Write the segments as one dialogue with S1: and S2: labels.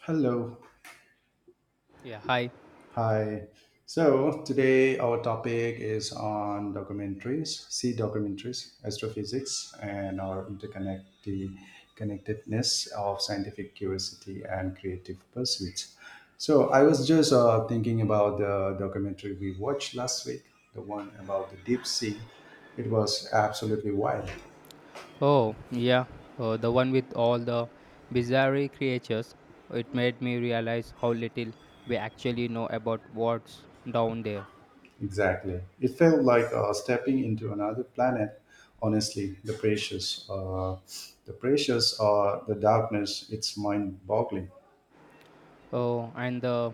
S1: Hello.
S2: Yeah, hi.
S1: Hi. So, today our topic is on documentaries, sea documentaries, astrophysics, and our interconnected connectedness of scientific curiosity and creative pursuits. So, I was just thinking about the documentary we watched last week, the one about the deep sea. It was absolutely wild.
S2: Oh, yeah, the one with all the bizarre creatures. It made me realize how little we actually know about what's down there.
S1: Exactly. It felt like stepping into another planet. Honestly, the darkness, it's mind-boggling.
S2: Oh, and the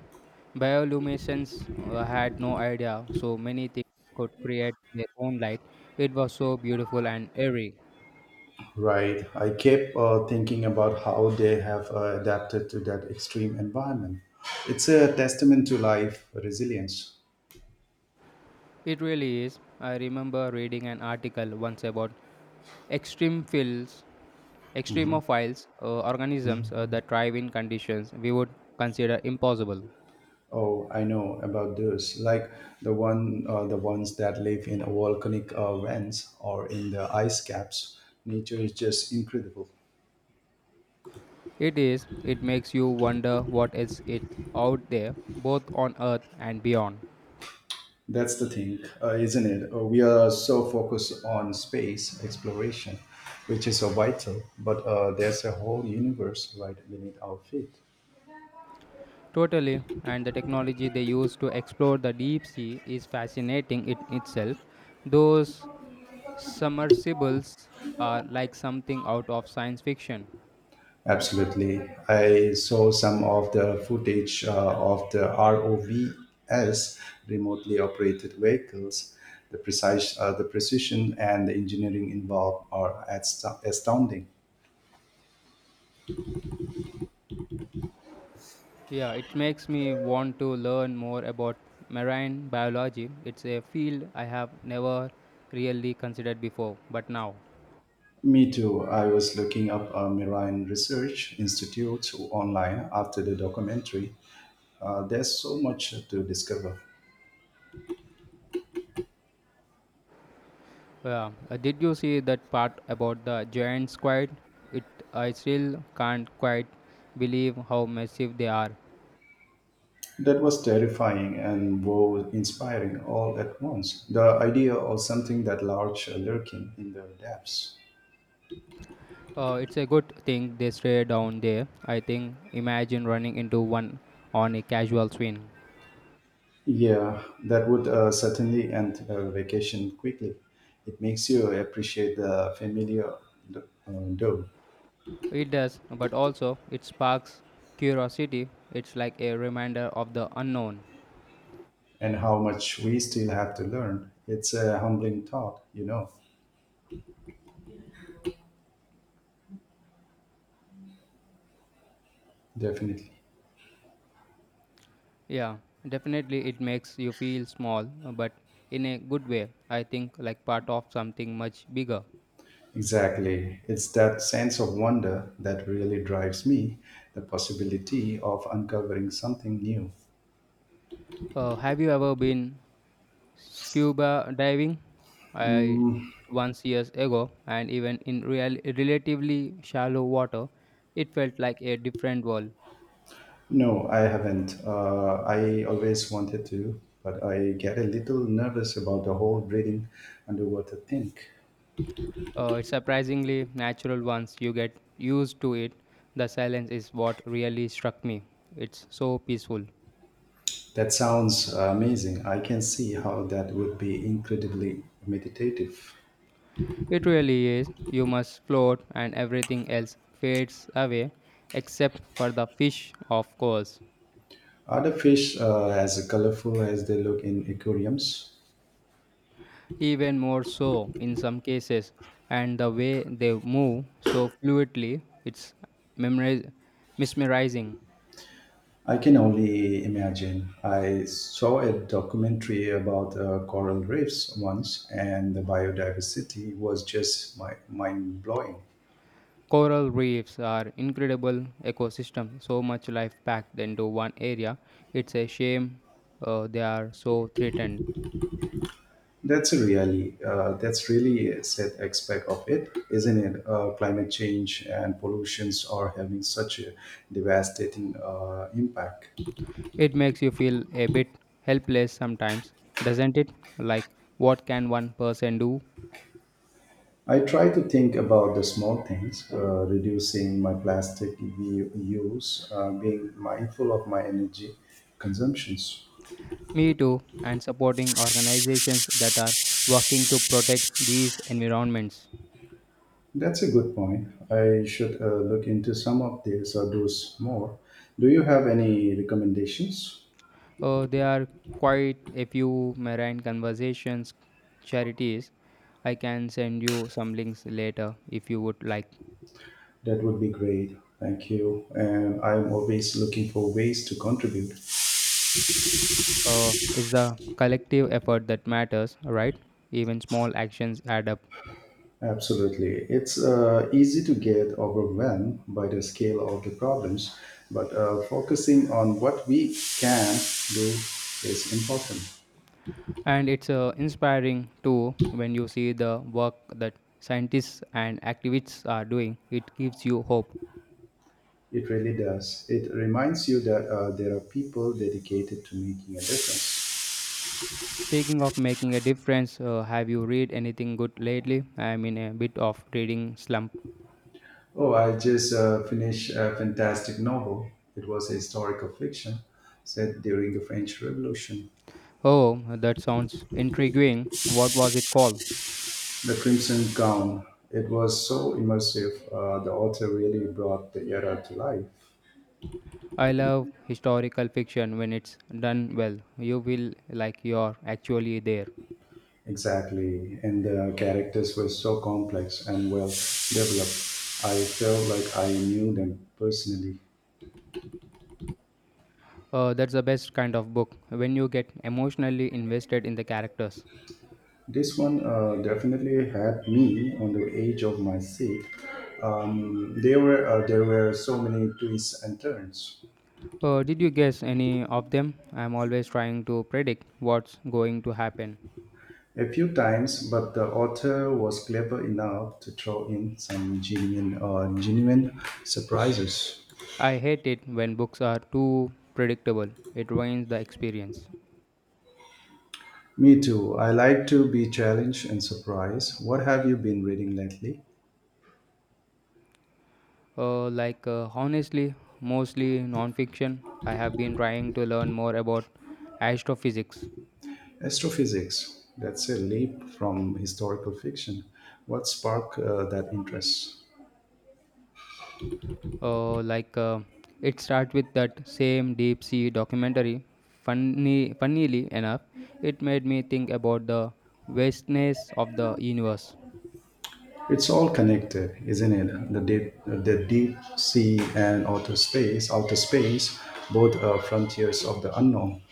S2: bioluminescence had no idea so many things could create their own light. It was so beautiful and eerie.
S1: Right. I kept thinking about how they have adapted to that extreme environment. It's a testament to life resilience.
S2: It really is. I remember reading an article once about extreme fields,
S1: Mhm.
S2: extremophiles, organisms that thrive in conditions we would consider impossible.
S1: Oh, I know about those. Like the ones that live in volcanic vents or in the ice caps. Nature is just incredible.
S2: It is, it makes you wonder what else is out there, both on Earth and beyond.
S1: That's the thing, isn't it? We are so focused on space exploration, which is so vital, but there's a whole universe right beneath our feet.
S2: Totally, and the technology they use to explore the deep sea is fascinating in itself. Those submersibles are like something out of science fiction.
S1: Absolutely. I saw some of the footage of the ROVs, remotely operated vehicles. The precision and the engineering involved are astounding.
S2: Yeah, it makes me want to learn more about marine biology. It's a field I have never really considered before, but now.
S1: Me too. I was looking up marine research institutes online after the documentary. There's so much to discover.
S2: Yeah. Did you see that part about the giant squid? It I still can't quite believe how massive they are.
S1: That was terrifying and wow inspiring all at once. The idea of something that large lurking in the depths.
S2: It's a good thing they stay down there. I think imagine running into one on a casual swing.
S1: Yeah, that would certainly end a vacation quickly. It makes you appreciate the familiar though,
S2: It does, but also it sparks curiosity. It's like a reminder of the unknown.
S1: and how much we still have to learn. It's a humbling thought, definitely.
S2: Yeah, definitely it makes you feel small, but in a good way. I think like part of something much bigger.
S1: Exactly. It's that sense of wonder that really drives me, the possibility of uncovering something new.
S2: Have you ever been scuba diving? I did once years ago, and even in real, relatively shallow water, it felt like a different world.
S1: No, I haven't. I always wanted to, but I get a little nervous about the whole breathing underwater thing.
S2: It's surprisingly natural once you get used to it. The silence is what really struck me. It's so peaceful.
S1: That sounds amazing. I can see how that would be incredibly meditative.
S2: It really is. You must float, and everything else fades away, except for the fish, of course.
S1: Are the fish as colorful as they look in aquariums?
S2: Even more so in some cases, and the way they move so fluidly, it's memoriz- mesmerizing.
S1: I can only imagine. I saw a documentary about coral reefs once, and the biodiversity was just mind blowing.
S2: Coral reefs are incredible ecosystem, so much life packed into one area. It's a shame they are so threatened.
S1: That's a really that's really a sad aspect of it, isn't it? Climate change and pollutions are having such a devastating impact.
S2: It makes you feel a bit helpless sometimes, doesn't it? Like, what can one person do?
S1: I try to think about the small things, reducing my plastic use, being mindful of my energy consumptions.
S2: Me too, and supporting organizations that are working to protect these environments.
S1: That's a good point. I should look into some of these or those more. Do you have any recommendations?
S2: There are quite a few marine conversations charities. I can send you some links later if you would like.
S1: That would be great. Thank you. And I'm always looking for ways to contribute.
S2: It's the collective effort that matters, right? Even small actions add up.
S1: Absolutely. It's easy to get overwhelmed by the scale of the problems, but focusing on what we can do is important.
S2: And it's inspiring too when you see the work that scientists and activists are doing. It gives you hope.
S1: It really does. It reminds you that there are people dedicated to making a difference.
S2: Speaking of making a difference, have you read anything good lately? I'm in a bit of reading slump.
S1: Oh, I just finished a fantastic novel. It was a historical fiction set during the French Revolution.
S2: Oh, that sounds intriguing. What was it called?
S1: The Crimson Gown. It was so immersive. The author really brought the era to life.
S2: I love historical fiction when it's done well. You feel like you're actually there.
S1: Exactly. And the characters were so complex and well developed. I felt like I knew them personally.
S2: That's the best kind of book, when you get emotionally invested in the characters.
S1: This one definitely had me on the edge of my seat. There were so many twists and turns.
S2: Did you guess any of them? I'm always trying to predict what's going to happen.
S1: A few times, but the author was clever enough to throw in some genuine surprises.
S2: I hate it when books are too predictable, it ruins the experience.
S1: Me too. I like to be challenged and surprised. What have you been reading lately?
S2: Honestly, mostly non-fiction. I have been trying to learn more about astrophysics.
S1: Astrophysics. That's a leap from historical fiction. What sparked that interest?
S2: Uh, like uh, it starts with that same deep sea documentary. Funnily enough, it made me think about the vastness of the universe.
S1: It's all connected, isn't it? The deep sea and outer space, both are frontiers of the unknown.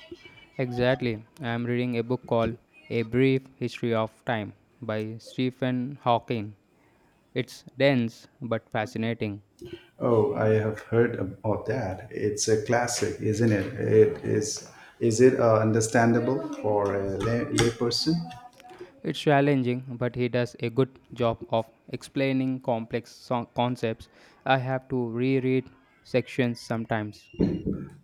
S2: Exactly, I am reading a book called A Brief History of Time by Stephen Hawking. It's dense but fascinating.
S1: Oh, I have heard about that. It's a classic, isn't it? It is. Is it understandable for a layperson?
S2: It's challenging, but he does a good job of explaining concepts. I have to reread sections sometimes.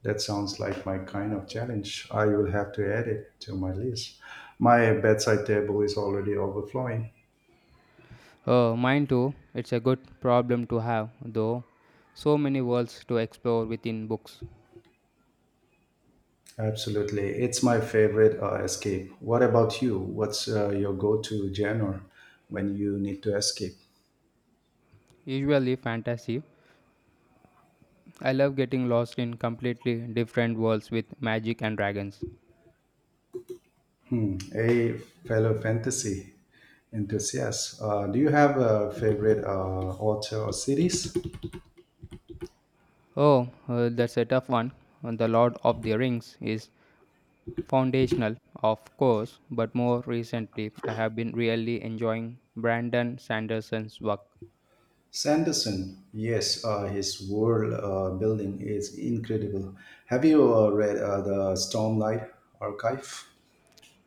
S1: That sounds like my kind of challenge. I will have to add it to my list. My bedside table is already overflowing.
S2: Mine too, it's a good problem to have, though. So many worlds to explore within books,
S1: Absolutely, it's my favorite escape. What about you? What's your go-to genre when you need to escape?
S2: usually fantasy. I love getting lost in completely different worlds with magic and dragons.
S1: Hey, fellow fantasy enthusiasts, do you have a favorite author or series?
S2: Oh, that's a tough one. The Lord of the Rings is foundational, of course, but more recently I have been really enjoying Brandon Sanderson's work.
S1: Sanderson, yes, his world building is incredible. Have you read the Stormlight Archive?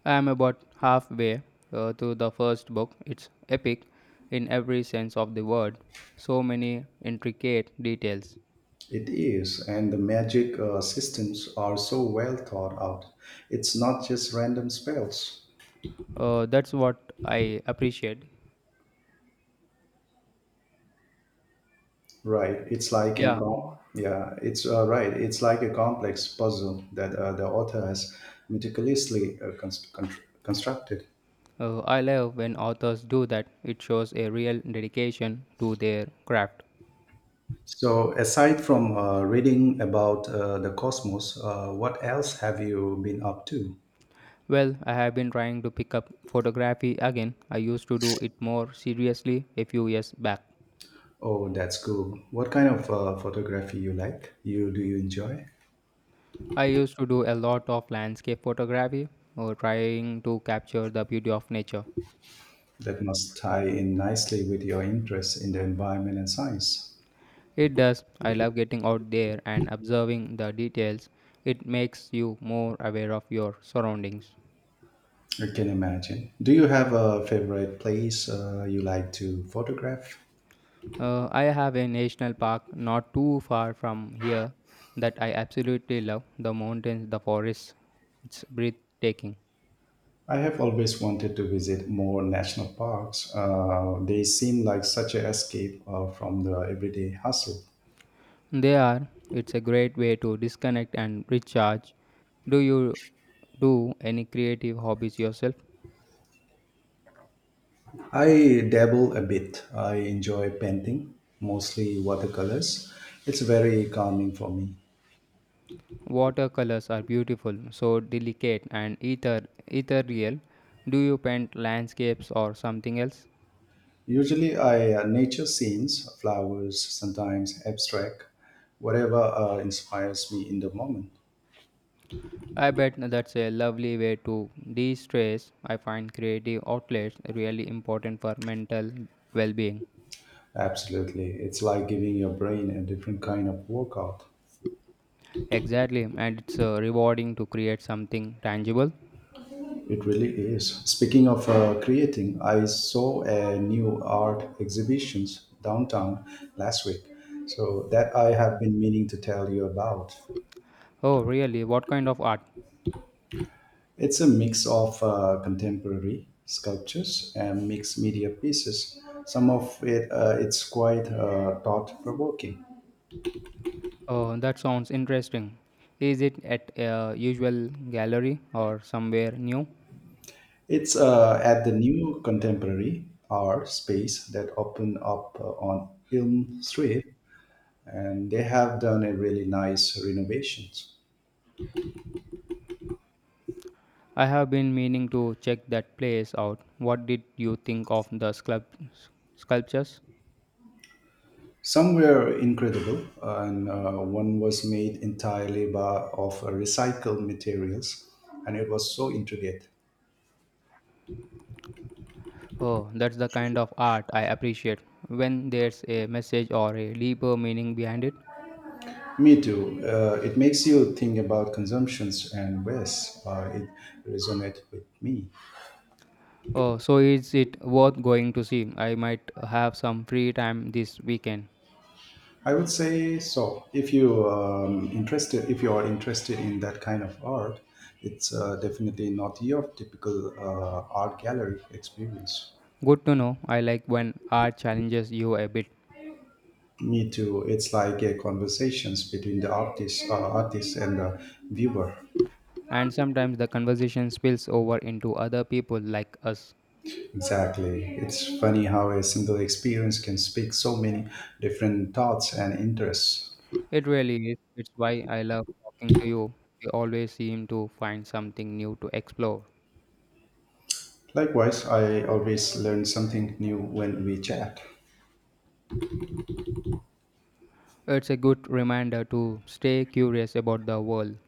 S2: I am about halfway through the first book. It's epic in every sense of the word, so many intricate details.
S1: It is, and the magic systems are so well thought out. It's not just random spells.
S2: That's what I appreciate.
S1: Right. It's like an
S2: Yeah,
S1: com- yeah, it's right. It's like a complex puzzle that the author has meticulously constructed.
S2: I love when authors do that. It shows a real dedication to their craft.
S1: So, aside from reading about the cosmos, what else have you been up to?
S2: Well, I have been trying to pick up photography again. I used to do it more seriously a few years back.
S1: Oh, that's cool. What kind of photography you like? You do you enjoy?
S2: I used to do a lot of landscape photography, or trying to capture the beauty of nature.
S1: That must tie in nicely with your interest in the environment and science.
S2: It does. I love getting out there and observing the details. It makes you more aware of your surroundings.
S1: I can imagine. Do you have a favorite place you like to photograph?
S2: I have a national park not too far from here that I absolutely love. The mountains, the forests. It's breathtaking.
S1: I have always wanted to visit more national parks. They seem like such an escape from the everyday hustle.
S2: They are. It's a great way to disconnect and recharge. Do you do any creative hobbies yourself?
S1: I dabble a bit. I enjoy painting, mostly watercolors. It's very calming for me.
S2: Watercolors are beautiful, so delicate and ethereal. Do you paint landscapes or something else?
S1: Usually, I nature scenes, flowers, sometimes abstract, whatever inspires me in the moment.
S2: I bet that's a lovely way to de-stress. I find creative outlets really important for mental well-being.
S1: Absolutely. It's like giving your brain a different kind of workout.
S2: Exactly, and it's rewarding to create something tangible.
S1: It really is. Speaking of creating, I saw a new art exhibitions downtown last week. So that I have been meaning to tell you about.
S2: Oh, really? What kind of art?
S1: It's a mix of contemporary sculptures and mixed media pieces. Some of it's quite thought provoking.
S2: Oh, that sounds interesting. Is it at a usual gallery or somewhere new?
S1: It's at the new contemporary art space that opened up on Elm Street, and they have done a really nice renovations.
S2: I have been meaning to check that place out. What did you think of the sculptures?
S1: Some were incredible, and one was made entirely of recycled materials, and it was so intricate.
S2: Oh, that's the kind of art I appreciate when there's a message or a deeper meaning behind it.
S1: Me too. It makes you think about consumptions and waste. It resonated with me.
S2: Oh, so is it worth going to see? I might have some free time this weekend.
S1: I would say so. If if you are interested in that kind of art, it's definitely not your typical art gallery experience.
S2: Good to know. I like when art challenges you a bit.
S1: Me too. It's like a conversations between the artist and the viewer.
S2: And sometimes the conversation spills over into other people like us.
S1: Exactly. It's funny how a single experience can speak so many different thoughts and interests.
S2: It really is. It's why I love talking to you. We always seem to find something new to explore.
S1: Likewise, I always learn something new when we chat.
S2: It's a good reminder to stay curious about the world,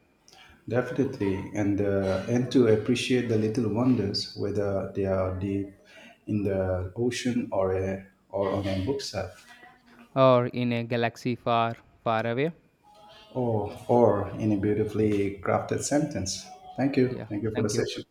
S1: Definitely, and and to appreciate the little wonders, whether they are deep in the ocean or on a bookshelf,
S2: or in a galaxy far, far away.
S1: or in a beautifully crafted sentence. Thank you.
S2: Yeah,
S1: Thank you for the
S2: thank you.
S1: session.